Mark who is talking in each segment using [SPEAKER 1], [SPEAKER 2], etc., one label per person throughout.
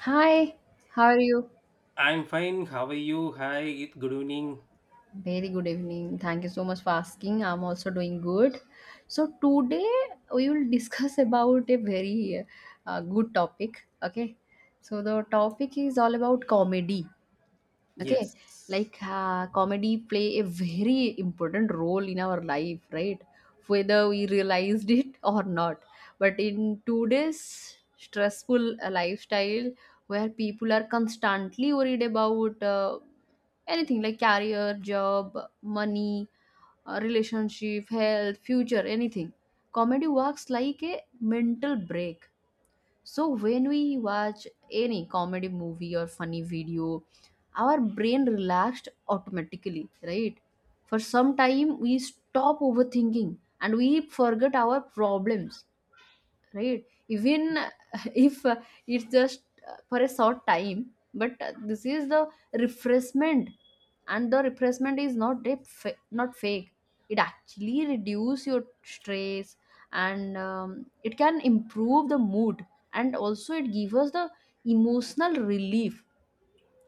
[SPEAKER 1] Hi, how are you?
[SPEAKER 2] I'm fine. How are you? Hi. Good evening.
[SPEAKER 1] Very good evening. Thank you so much for asking. I'm also doing good. So today we will discuss about a very good topic. Okay. So the topic is all about comedy. Okay,
[SPEAKER 2] Yes.
[SPEAKER 1] comedy play a very important role in our life, right? Whether we realized it or not. But in today's stressful lifestyle, where people are constantly worried about anything like career, job, money, relationship, health, future, anything, comedy works like a mental break. So when we watch any comedy movie or funny video, our brain relaxed automatically, right? For some time we stop overthinking and we forget our problems, right? Even if it's just for a short time, but this is the refreshment. And the refreshment is not a fa- not fake, it actually reduce your stress. And it can improve the mood, and also it gives us the emotional relief.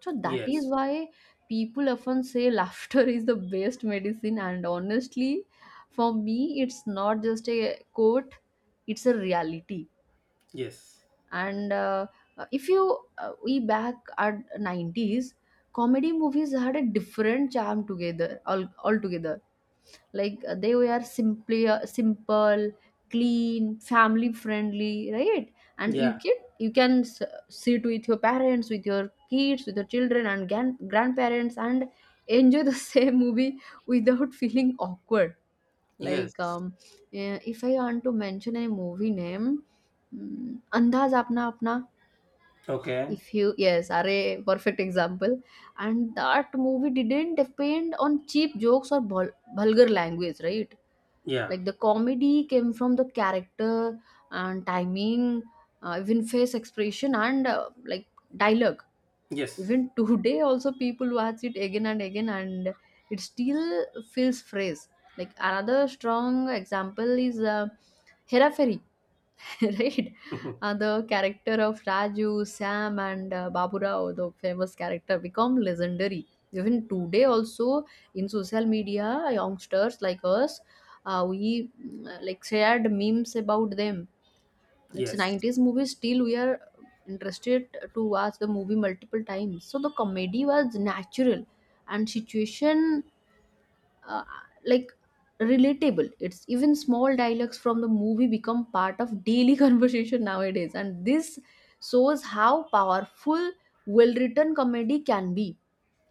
[SPEAKER 1] So that is
[SPEAKER 2] Yes.
[SPEAKER 1] why people often say laughter is the best medicine, and honestly for me it's not just a quote, it's a reality.
[SPEAKER 2] Yes.
[SPEAKER 1] And if you we back at 90s, comedy movies had a different charm together all altogether. They were simply simple, clean, family friendly, right? And
[SPEAKER 2] Yeah.
[SPEAKER 1] sit with your parents, with your kids, with your children and grandparents, and enjoy the same movie without feeling awkward. like
[SPEAKER 2] Yes.
[SPEAKER 1] um, if I want to mention a movie name, mm, Andaz Apna Apna,
[SPEAKER 2] Okay.
[SPEAKER 1] if you yes, are a perfect example. And that movie didn't depend on cheap jokes or vulgar language, right?
[SPEAKER 2] Yeah.
[SPEAKER 1] Like the comedy came from the character and timing, even face expression and dialogue.
[SPEAKER 2] Yes.
[SPEAKER 1] Even today, also, people watch it again and again, and it still feels fresh. Like another strong example is Hera Fairy, right? The character of Raju, Sam, and Baburao, the famous character, become legendary. Even today, also, in social media, youngsters like us, we mm, like shared memes about them. It's
[SPEAKER 2] Yes.
[SPEAKER 1] 90s movie, still we are interested to watch the movie multiple times. So the comedy was natural and situation, uh, like relatable. It's even small dialogues from the movie become part of daily conversation nowadays, and this shows how powerful well written comedy can be.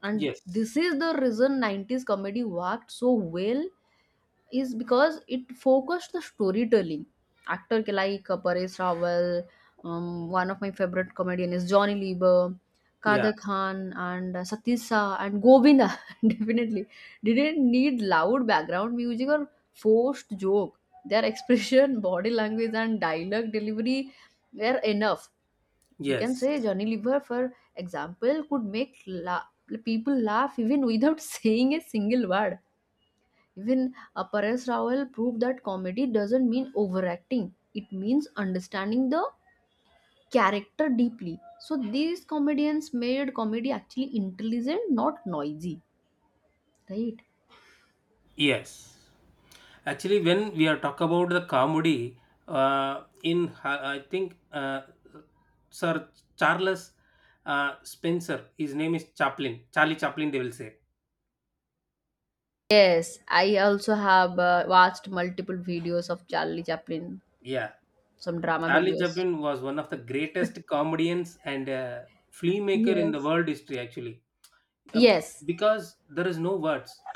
[SPEAKER 1] And
[SPEAKER 2] Yes.
[SPEAKER 1] this is the reason 90s comedy worked so well is because it focused the storytelling. Actor ke like Paresh Rawal, one of my favorite comedian is Johnny Lieber,
[SPEAKER 2] Yeah.
[SPEAKER 1] Kader Khan, and Satyajit Shah and Govinda definitely didn't need loud background music or forced joke. Their expression, body language, and dialogue delivery were enough. You can
[SPEAKER 2] Yes.
[SPEAKER 1] say Johnny Lieber, for example, could make people laugh even without saying a single word. Even Paresh Rawal proved that comedy doesn't mean overacting. It means understanding the character deeply. So these comedians made comedy actually intelligent, not noisy, right?
[SPEAKER 2] Yes. Actually, when we are talk about the comedy, I think Sir Charles Spencer, his name is Chaplin, Charlie Chaplin. They will say.
[SPEAKER 1] Yes, I also have watched multiple videos of Charlie Chaplin,
[SPEAKER 2] Yeah.
[SPEAKER 1] some drama
[SPEAKER 2] Charlie
[SPEAKER 1] videos.
[SPEAKER 2] Chaplin was one of the greatest comedians and filmmaker in the
[SPEAKER 1] Yes.
[SPEAKER 2] world history, actually, uh,
[SPEAKER 1] Yes,
[SPEAKER 2] because there is no words.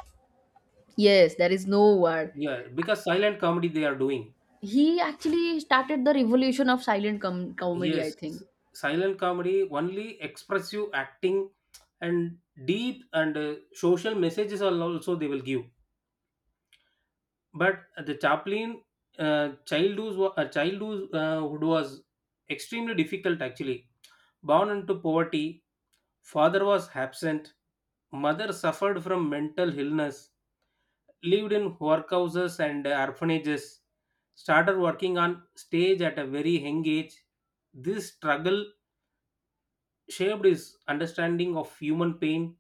[SPEAKER 1] yes, there is no word.
[SPEAKER 2] Yeah, because silent comedy they are doing.
[SPEAKER 1] He actually started the revolution of silent com comedy, I
[SPEAKER 2] Yes,
[SPEAKER 1] think.
[SPEAKER 2] silent comedy only expressive acting and deep and social messages are also they will give. But the Chaplin childhood, childhood was extremely difficult actually. Born into poverty, father was absent. Mother suffered from mental illness, lived in workhouses and orphanages, started working on stage at a very young age. This struggle shaped his understanding of human pain,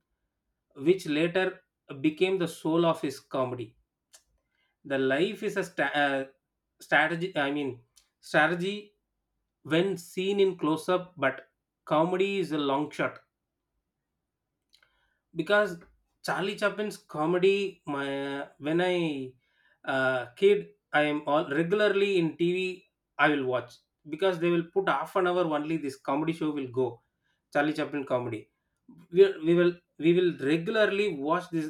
[SPEAKER 2] which later became the soul of his comedy. The life is a strategy, I mean, strategy when seen in close up, but comedy is a long shot. Because Charlie Chaplin's comedy, my when I, kid, I am all regularly in TV, I will watch, because they will put half an hour only, this comedy show will go. Charlie Chaplin comedy, we will regularly watch this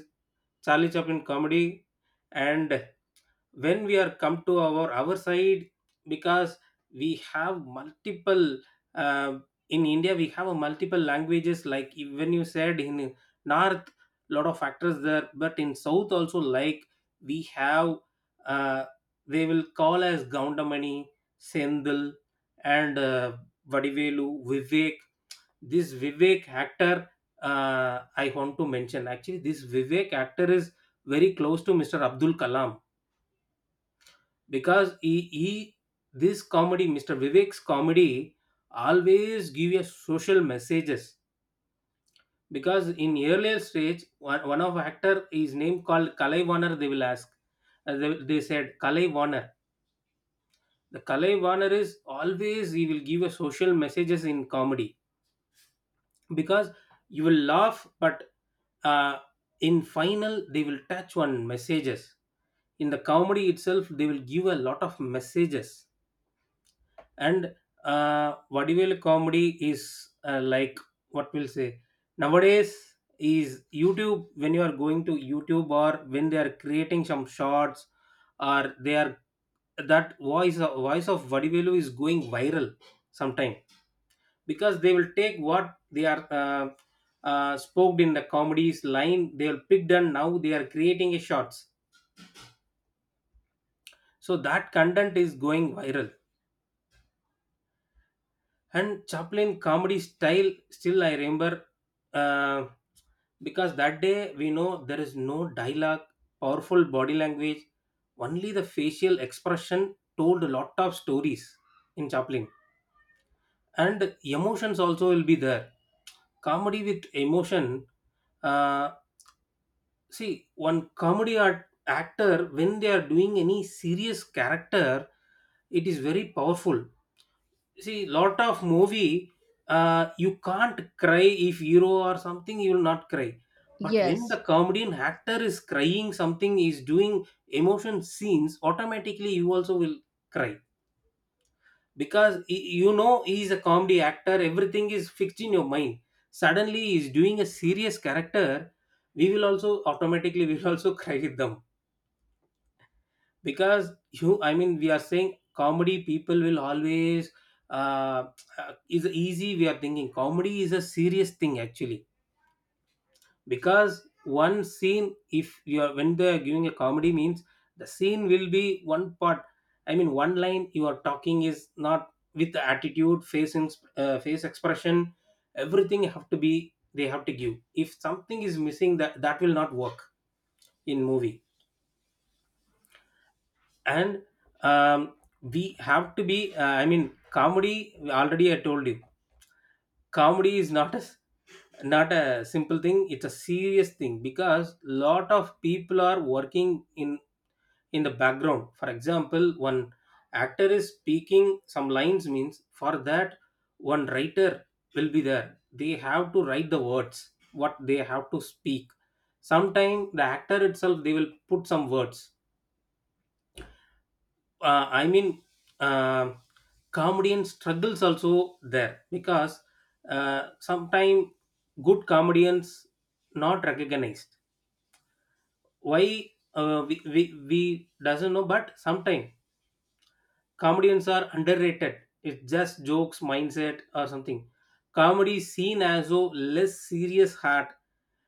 [SPEAKER 2] Charlie Chaplin comedy. And when we are come to our side, because we have multiple, uh, in India we have a multiple languages, like even you said in north, lot of factors there, but in south also, like we have, uh, they will call as Gaundamani, Sendil, and Vadivelu, Vivek. This Vivek actor, uh, I want to mention actually, this Vivek actor is very close to Mr. Abdul Kalam. Because he this comedy, Mr. Vivek's comedy always give a social messages, because in earlier stage, one of actor is name called Kalai Warner, they will ask. They said Kalai Warner, the Kalai Warner is always, he will give a social messages in comedy, because you will laugh, but uh, in final they will touch on messages, in the comedy itself they will give a lot of messages. And vaudeville comedy is, like what we'll say nowadays is YouTube, when you are going to YouTube or when they are creating some shots, or they are, that voice of vaudeville is going viral sometime, because they will take what they are spoke in the comedies line, they will pick and now they are creating a shots, so that content is going viral. And Chaplin comedy style still I remember, uh, because that day we know there is no dialogue, powerful body language, only the facial expression told a lot of stories in Chaplin, and emotions also will be there. Comedy with emotion. Uh, see, one comedy art actor when they are doing any serious character, it is very powerful. See lot of movie, you can't cry if hero or something, you will not cry, but when the
[SPEAKER 1] Yes,
[SPEAKER 2] comedian actor is crying, something is doing emotion scenes, automatically you also will cry, because you know he is a comedy actor, everything is fixed in your mind. Suddenly he is doing a serious character, we will also automatically we will also cry with them. Because you I mean we are saying comedy people will always uh, is easy, we are thinking comedy is a serious thing actually, because one scene if you are when they are giving a comedy means, the scene will be one part, I mean one line you are talking is not with the attitude, face expression, everything have to be they have to give, if something is missing, that will not work in movie. And um, we have to be, I mean comedy, already I told you, comedy is not a simple thing, it's a serious thing, because lot of people are working in the background. For example, one actor is speaking some lines means, for that one writer will be there, they have to write the words what they have to speak, sometime the actor itself they will put some words, I mean, uh, comedian struggles also there, because sometimes good comedians not recognized. Why we doesn't know, but sometimes comedians are underrated. It's just jokes, mindset, or something. Comedy is seen as a less serious heart.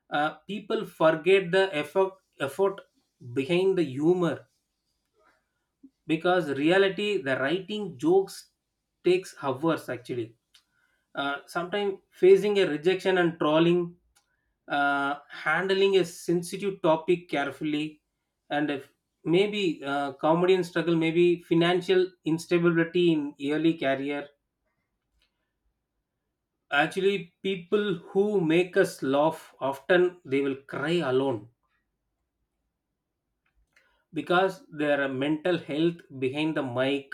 [SPEAKER 2] People forget the effort behind the humor, because reality the writing jokes takes hours actually, sometimes facing a rejection and trolling, handling a sensitive topic carefully, and if maybe comedy and struggle, maybe financial instability in early career. Actually, people who make us laugh often they will cry alone, because their mental health behind the mic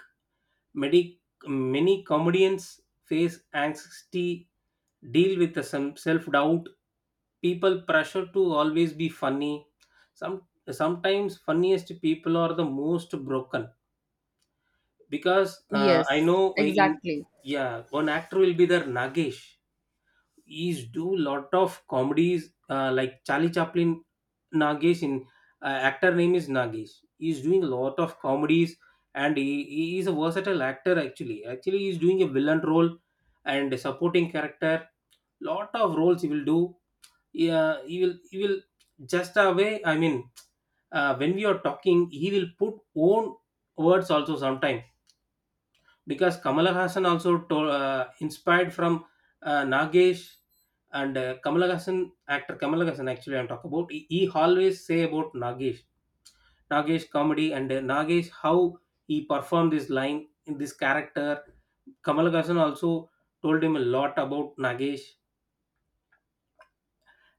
[SPEAKER 2] medic, many comedians face anxiety, deal with the some self-doubt, people pressure to always be funny. Some sometimes funniest people are the most broken, because I
[SPEAKER 1] yes,
[SPEAKER 2] know in,
[SPEAKER 1] exactly.
[SPEAKER 2] yeah, one actor will be there, Nagesh. He's do lot of comedies like Charlie Chaplin, Nagesh in, actor name is Nagesh. He's doing a lot of comedies, and he is a versatile actor actually. Actually, he's doing a villain role and a supporting character. Lot of roles he will do. Yeah, he will just away. I mean, when we are talking, he will put own words also sometimes, because Kamala Hassan also told, inspired from Nagesh. And Kamala Hassan actor, Kamala Hassan actually I'm talking about. He always say about Nagesh. Nagesh comedy, and Nagesh how he performed this line in this character, Kamala Hassan also told him a lot about Nagesh.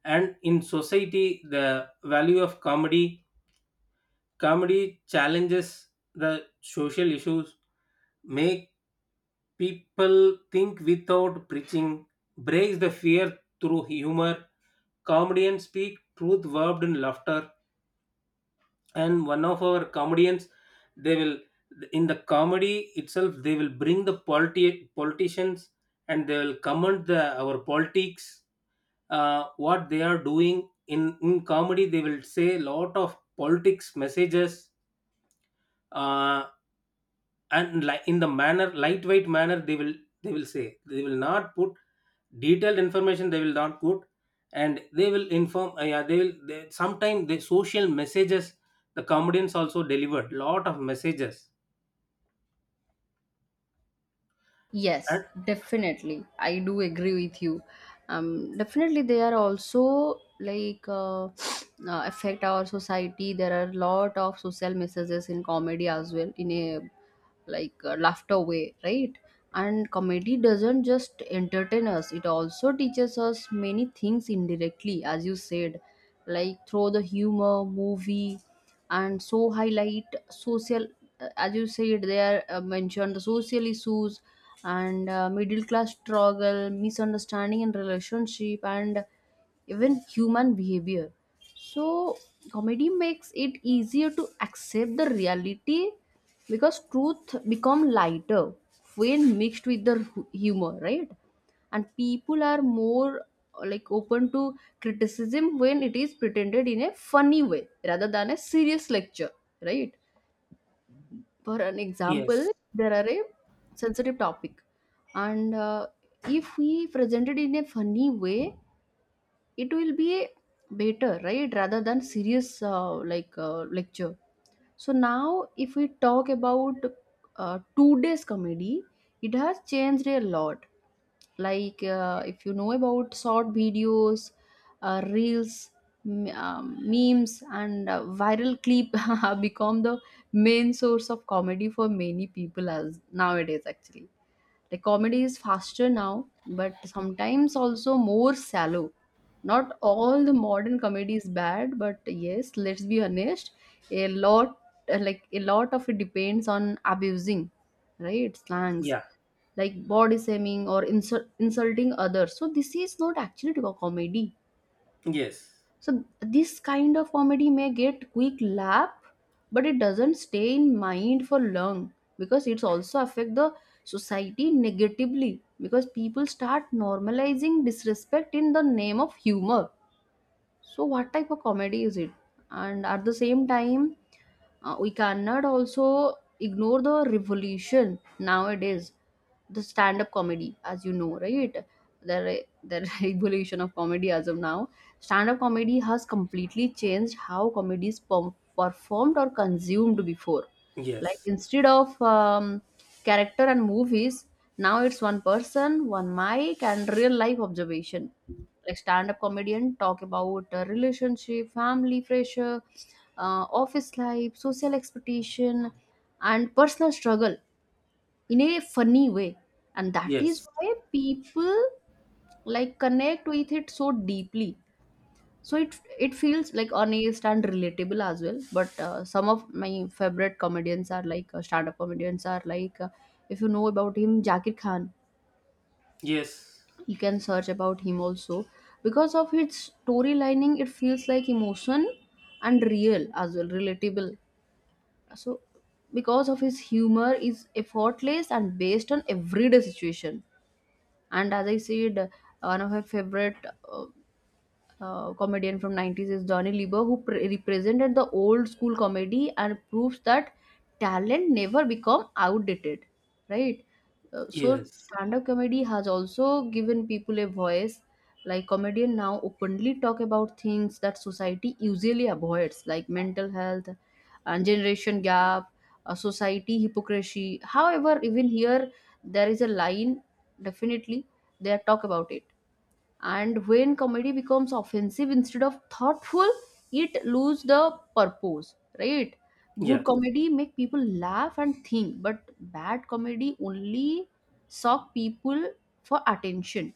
[SPEAKER 2] And in society, the value of comedy. Comedy challenges the social issues, make people think without preaching, breaks the fear through humor. Comedians speak truth verbed in laughter, and one of our comedians, they will in the comedy itself, they will bring the politicians, and they will comment the our politics, what they are doing in comedy. They will say lot of politics messages. Uh, and like in the manner lightweight manner, they will say they will not put detailed information they will not put, and they will inform, yeah they will they, sometimes the social messages the comedians also delivered lot of messages.
[SPEAKER 1] Yes,
[SPEAKER 2] And
[SPEAKER 1] definitely. I do agree with you. Definitely, they are also affect our society. There are a lot of social messages in comedy as well, in a laughter way, right? And comedy doesn't just entertain us; it also teaches us many things indirectly, as you said, like through the humor movie, and so highlight social, as you said, they are mentioned the social issues and middle class struggle, misunderstanding in relationship, and even human behavior. So comedy makes it easier to accept the reality, because truth become lighter when mixed with the humor, right? And people are more open to criticism when it is pretended in a funny way rather than a serious lecture, right? For an example,
[SPEAKER 2] yes,
[SPEAKER 1] there are a sensitive topic, and if we present it in a funny way, it will be better, right, rather than serious lecture. So now if we talk about today's comedy, it has changed a lot. If you know about short videos, reels, memes, and viral clip have become the main source of comedy for many people as nowadays, actually. Like comedy is faster now, but sometimes also more shallow. Not all the modern comedy is bad, but yes, let's be honest, a lot a lot of it depends on abusing, right? Slangs,
[SPEAKER 2] yeah,
[SPEAKER 1] like body shaming or insulting others. So this is not actually to a comedy.
[SPEAKER 2] yes,
[SPEAKER 1] So this kind of comedy may get quick laugh, but it doesn't stay in mind for long, because it's also affect the society negatively, because people start normalizing disrespect in the name of humor. So what type of comedy is it? And at the same time, we cannot also ignore the revolution nowadays, the stand up comedy, as you know, right? The revolution of comedy as of now. Stand up comedy has completely changed how comedy is performed or consumed before. Like
[SPEAKER 2] yes,
[SPEAKER 1] instead of character and movies, now it's one person, one mic, and real life observation. Like stand-up comedian talk about relationship, family pressure, office life, social expectation, and personal struggle in a funny way. And that is
[SPEAKER 2] yes,
[SPEAKER 1] why people like connect with it so deeply. So it feels like honest and relatable as well. But some of my favorite comedians are stand-up comedians are if you know about him, Jakir Khan.
[SPEAKER 2] yes,
[SPEAKER 1] You can search about him also, because of its storylining, it feels like emotion and real as well, relatable. So because of his humor is effortless and based on everyday situation. And as I said, one of my favorite uh, comedian from 90s is Johnny Lieber, who represented the old school comedy and proves that talent never become outdated, right? So
[SPEAKER 2] yes,
[SPEAKER 1] stand up comedy has also given people a voice. Like comedian now openly talk about things that society usually avoids, like mental health and generation gap, society hypocrisy. However, even here, there is a line. Definitely they talk about it, and when comedy becomes offensive instead of thoughtful, it loses the purpose, right?
[SPEAKER 2] yeah.
[SPEAKER 1] Good comedy make people laugh and think, but bad comedy only suck people for attention.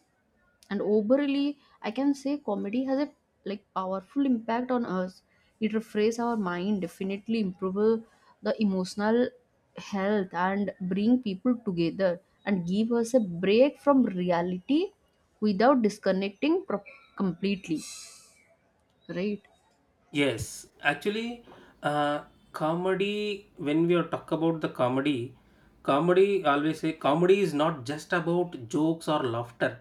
[SPEAKER 1] And overly I can say comedy has a like powerful impact on us. It refresh our mind, definitely improve the emotional health, and bring people together, and give us a break from reality without completely, right?
[SPEAKER 2] Yes, actually, uh, comedy, when we are talk about the comedy, comedy, always say comedy is not just about jokes or laughter.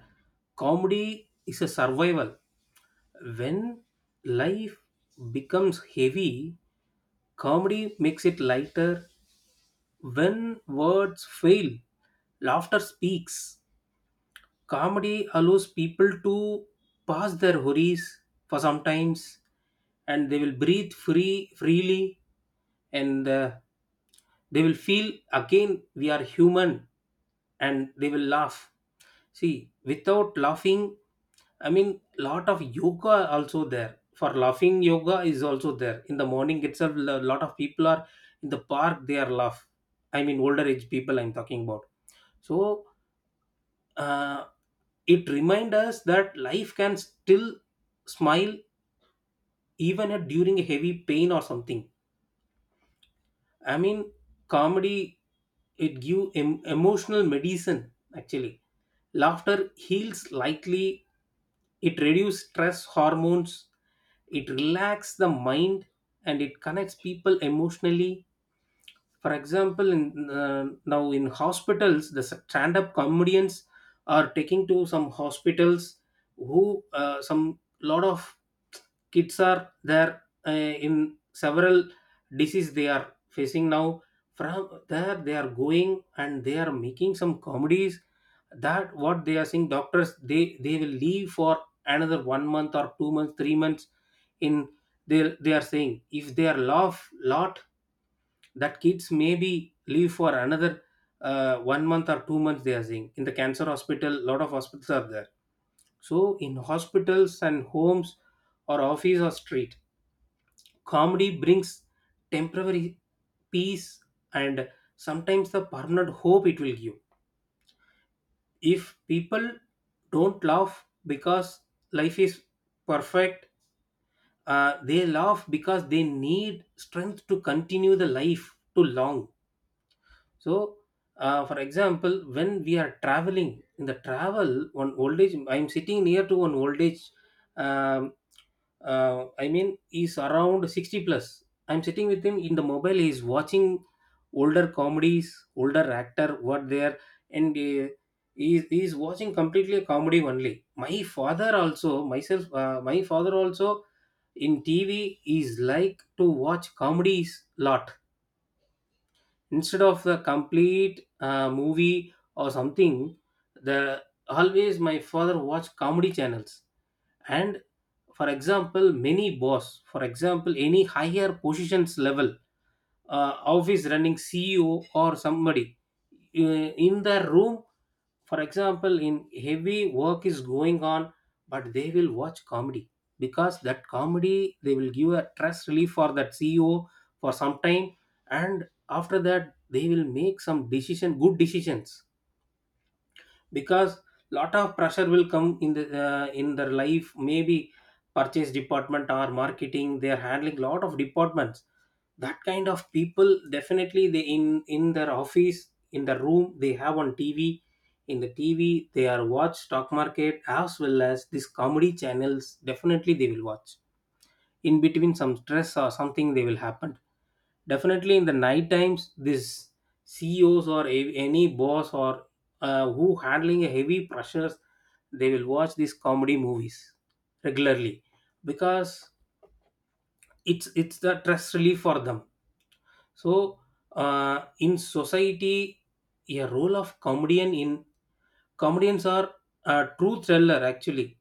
[SPEAKER 2] Comedy is a survival. When life becomes heavy, comedy makes it lighter. When words fail, laughter speaks. Comedy allows people to pass their worries for some times, and they will breathe freely, and they will feel again we are human, and they will laugh. See, without laughing, I mean, lot of yoga also there. For laughing, yoga is also there. In the morning itself, a lot of people are in the park. They are laugh. I mean, older age people. I'm talking about. So, uh, it reminds us that life can still smile, even at during a heavy pain or something, I mean comedy, it give emotional medicine actually, laughter heals lightly, it reduces stress hormones, it relax the mind, and it connects people emotionally. For example, in, now in hospitals, the stand up comedians are taking to some hospitals, who, some lot of kids are there, in several disease they are facing now, from there they are going and they are making some comedies, that what they are seeing, doctors they will leave for another 1 month or 2 months 3 months, in, they are saying if they are laugh lot, that kids maybe leave for another 1 month or 2 months, they are saying, in the cancer hospital lot of hospitals are there. So in hospitals and homes or office or street, comedy brings temporary peace, and sometimes the permanent hope it will give. If people don't laugh because life is perfect, they laugh because they need strength to continue the life too long. So, for example, when we are traveling in the travel, one old age, I'm sitting near to one old age. Um, I mean, he's around 60 plus. I'm sitting with him in the mobile. He's watching older comedies, older actor, what there, and he's watching completely a comedy only. My father also, myself, my father also in TV is like to watch comedies lot, instead of the complete movie or something, the always my father watch comedy channels. And for example, many boss, for example any higher positions level, office running CEO or somebody, in the room. For example, in heavy work is going on, but they will watch comedy because that comedy they will give a stress relief for that CEO for some time, and after that they will make some decision, good decisions because lot of pressure will come in the in their life maybe purchase department or marketing they are handling lot of departments. That kind of people definitely they in their office in the room they have on tv. In the tv they are watch stock market as well as these comedy channels definitely they will watch. In between some stress or something they will happen definitely in the night times this ceos or any boss or who handling a heavy pressures they will watch these comedy movies regularly because it's the stress relief for them. So, in society, a role of comedian in comedians are a truth teller. Actually,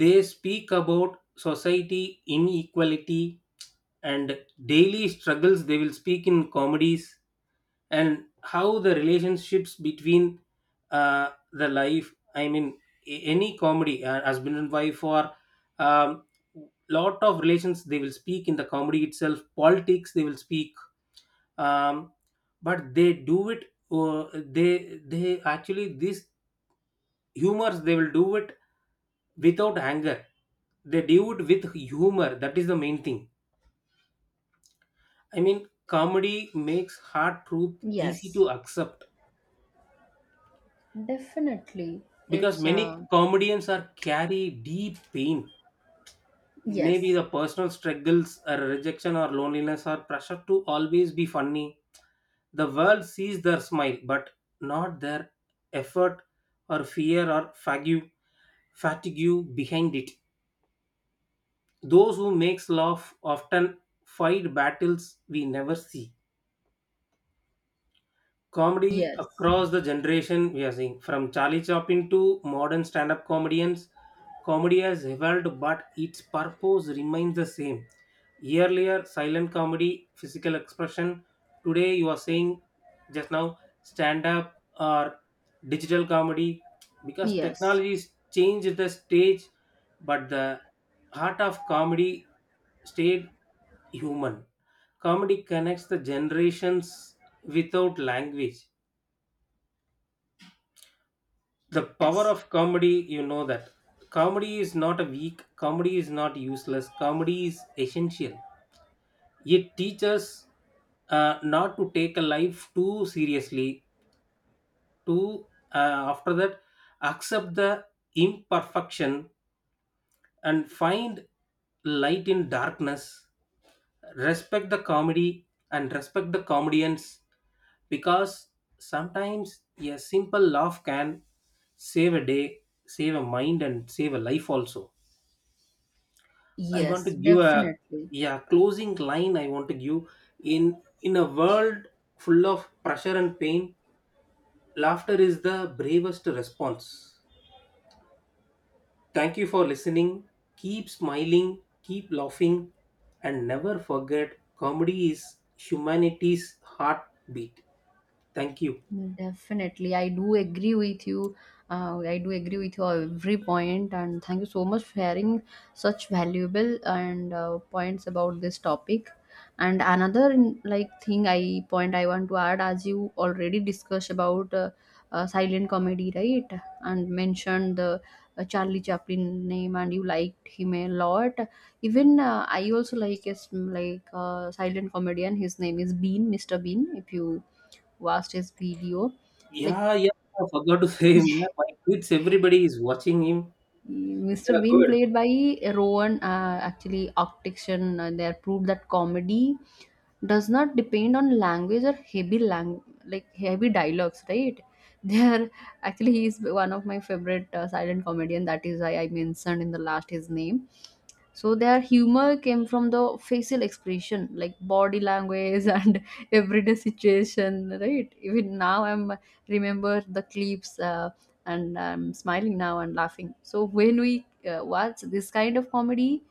[SPEAKER 2] they speak about society inequality and daily struggles. They will speak in comedies and how the relationships between the life. I mean, any comedy, husband and wife, or um, lot of relations. They will speak in the comedy itself. Politics. They will speak, um, but they do it, they actually these humors they will do it without anger. They do it with humor, that is the main thing. I mean comedy makes hard truth easy
[SPEAKER 1] Yes,
[SPEAKER 2] to accept
[SPEAKER 1] definitely.
[SPEAKER 2] because
[SPEAKER 1] It's
[SPEAKER 2] many comedians are carry deep pain, maybe
[SPEAKER 1] yes,
[SPEAKER 2] the personal struggles or rejection or loneliness or pressure to always be funny. The world sees their smile but not their effort or fear or fatigue behind it. Those who makes laugh often fight battles we never see. Comedy
[SPEAKER 1] yes,
[SPEAKER 2] across the generation we are seeing from Charlie Chaplin to modern stand-up comedians. Comedy has evolved, but its purpose remains the same. Earlier, silent comedy, physical expression. Today, you are saying just now, stand up or digital comedy because
[SPEAKER 1] yes,
[SPEAKER 2] technology has changed the stage, but the heart of comedy stayed human. Comedy connects the generations without language. The power
[SPEAKER 1] yes,
[SPEAKER 2] of comedy, you know that comedy is not a weak, comedy is not useless, comedy is essential. It teaches not to take a life too seriously, to, after that, accept the imperfection and find light in darkness. Respect the comedy and respect the comedians, because sometimes a simple laugh can save a day, save a mind and save a life also. I want to
[SPEAKER 1] yes,
[SPEAKER 2] give a,
[SPEAKER 1] definitely.
[SPEAKER 2] yeah, closing line I want to give. In a world full of pressure and pain, laughter is the bravest response. Thank you for listening. Keep smiling, keep laughing, and never forget comedy is humanity's heartbeat. Thank you.
[SPEAKER 1] Definitely, I do agree with you. I do agree with your every point, and thank you so much for sharing such valuable and points about this topic. And another like thing I point I want to add, as you already discussed about silent comedy, right? And mentioned the Charlie Chaplin name, and you liked him a lot. Even I also like a silent comedian. His name is Bean, Mr. Bean. If you vastest video. Like
[SPEAKER 2] Yeah, yeah, I forgot to say him. Yeah, my kids, everybody is watching him.
[SPEAKER 1] Mr.
[SPEAKER 2] Yeah,
[SPEAKER 1] Bean,
[SPEAKER 2] good.
[SPEAKER 1] played by Rowan, actually Octiction, there proved that comedy does not depend on language or heavy lang like heavy dialogues, right? There, actually, he is one of my favorite silent comedian. That is why I mentioned in the last his name. So their humor came from the facial expression, like body language and everyday situation, right? Even now, I'm remember the clips. And I'm smiling now and laughing. So when we watch this kind of comedy,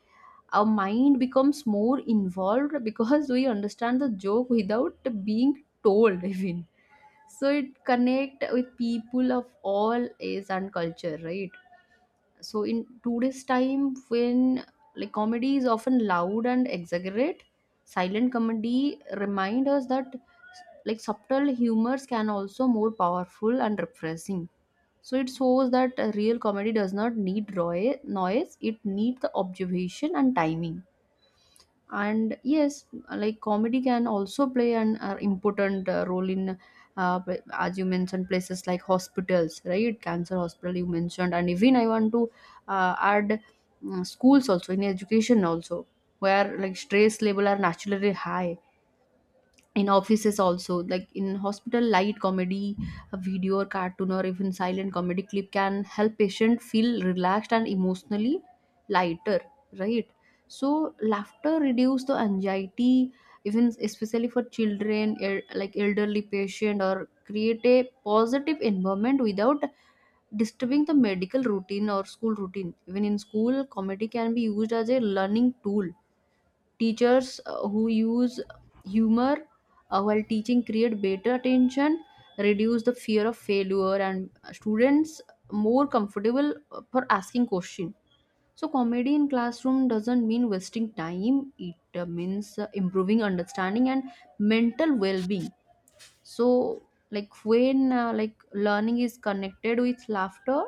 [SPEAKER 1] our mind becomes more involved because we understand the joke without being told even. So it connect with people of all age and culture, right? So in today's time, when like comedy is often loud and exaggerate, silent comedy remind us that like subtle humors can also more powerful and refreshing. So it shows that a real comedy does not need raw noise, it needs the observation and timing. And yes, like comedy can also play an important role in, as you mentioned, places like hospitals, right? Cancer hospital you mentioned, and even I want to add schools also, in education also, where like stress level are naturally high, in offices also, like in hospital, light comedy, a video or cartoon or even silent comedy clip can help patient feel relaxed and emotionally lighter, right? So laughter reduce the anxiety, even especially for children, elderly patient, or create a positive environment without disturbing the medical routine or school routine. Even in school, comedy can be used as a learning tool. Teachers who use humor while teaching create better attention, reduce the fear of failure, and students more comfortable for asking question. So comedy in classroom doesn't mean wasting time, it means improving understanding and mental well-being. So like when learning is connected with laughter,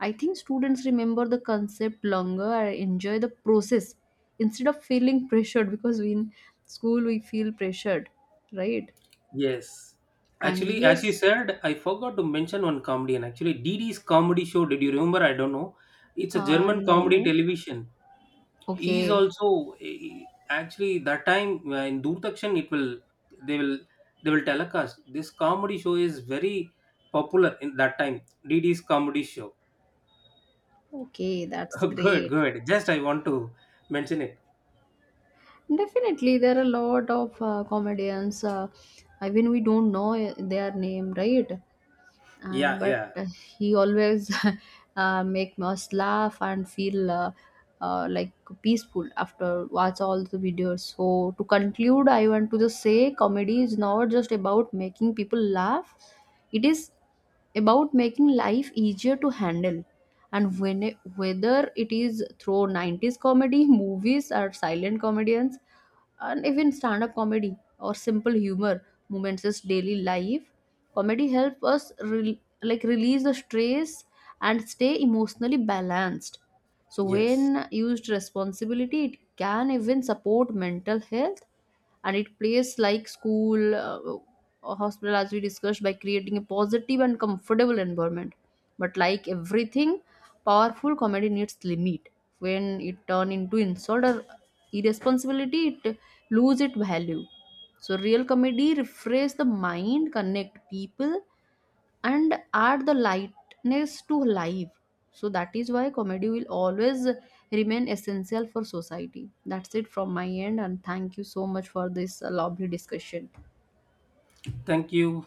[SPEAKER 1] I think students remember the concept longer and enjoy the process instead of feeling pressured, because we in school we feel pressured, right?
[SPEAKER 2] Yes.
[SPEAKER 1] And
[SPEAKER 2] Actually, as you
[SPEAKER 1] yes,
[SPEAKER 2] said, I forgot to mention one comedian. Actually, DD's comedy show, did you remember? I don't know. It's a German comedy
[SPEAKER 1] no,
[SPEAKER 2] television. He is
[SPEAKER 1] okay,
[SPEAKER 2] also eh, actually that time in Doordarshan it will, they will, they will telecast. This comedy show is very popular in that time. DD's comedy show.
[SPEAKER 1] okay, that's
[SPEAKER 2] Good,
[SPEAKER 1] great.
[SPEAKER 2] good. Just I want to mention it.
[SPEAKER 1] Definitely, there are a lot of comedians. I mean, we don't know their name, right?
[SPEAKER 2] Yeah,
[SPEAKER 1] But
[SPEAKER 2] yeah.
[SPEAKER 1] he always make us laugh and feel uh, like peaceful after watch all the videos. So to conclude, I want to just say comedy is not just about making people laugh, it is about making life easier to handle. And when whether it is through 90s comedy movies or silent comedians, and even stand-up comedy or simple humor moments is daily life, comedy helps us rel release the stress and stay emotionally balanced. So
[SPEAKER 2] Yes.
[SPEAKER 1] when used responsibly, it can even support mental health, and it plays like school or hospital, as we discussed, by creating a positive and comfortable environment. But like everything, powerful comedy needs limit. When it turn into insult or irresponsibility, it lose its value. So real comedy refresh the mind, connect people, and add the lightness to life. So that is why comedy will always remain essential for society. That's it from my end, and thank you so much for this lovely discussion.
[SPEAKER 2] Thank you.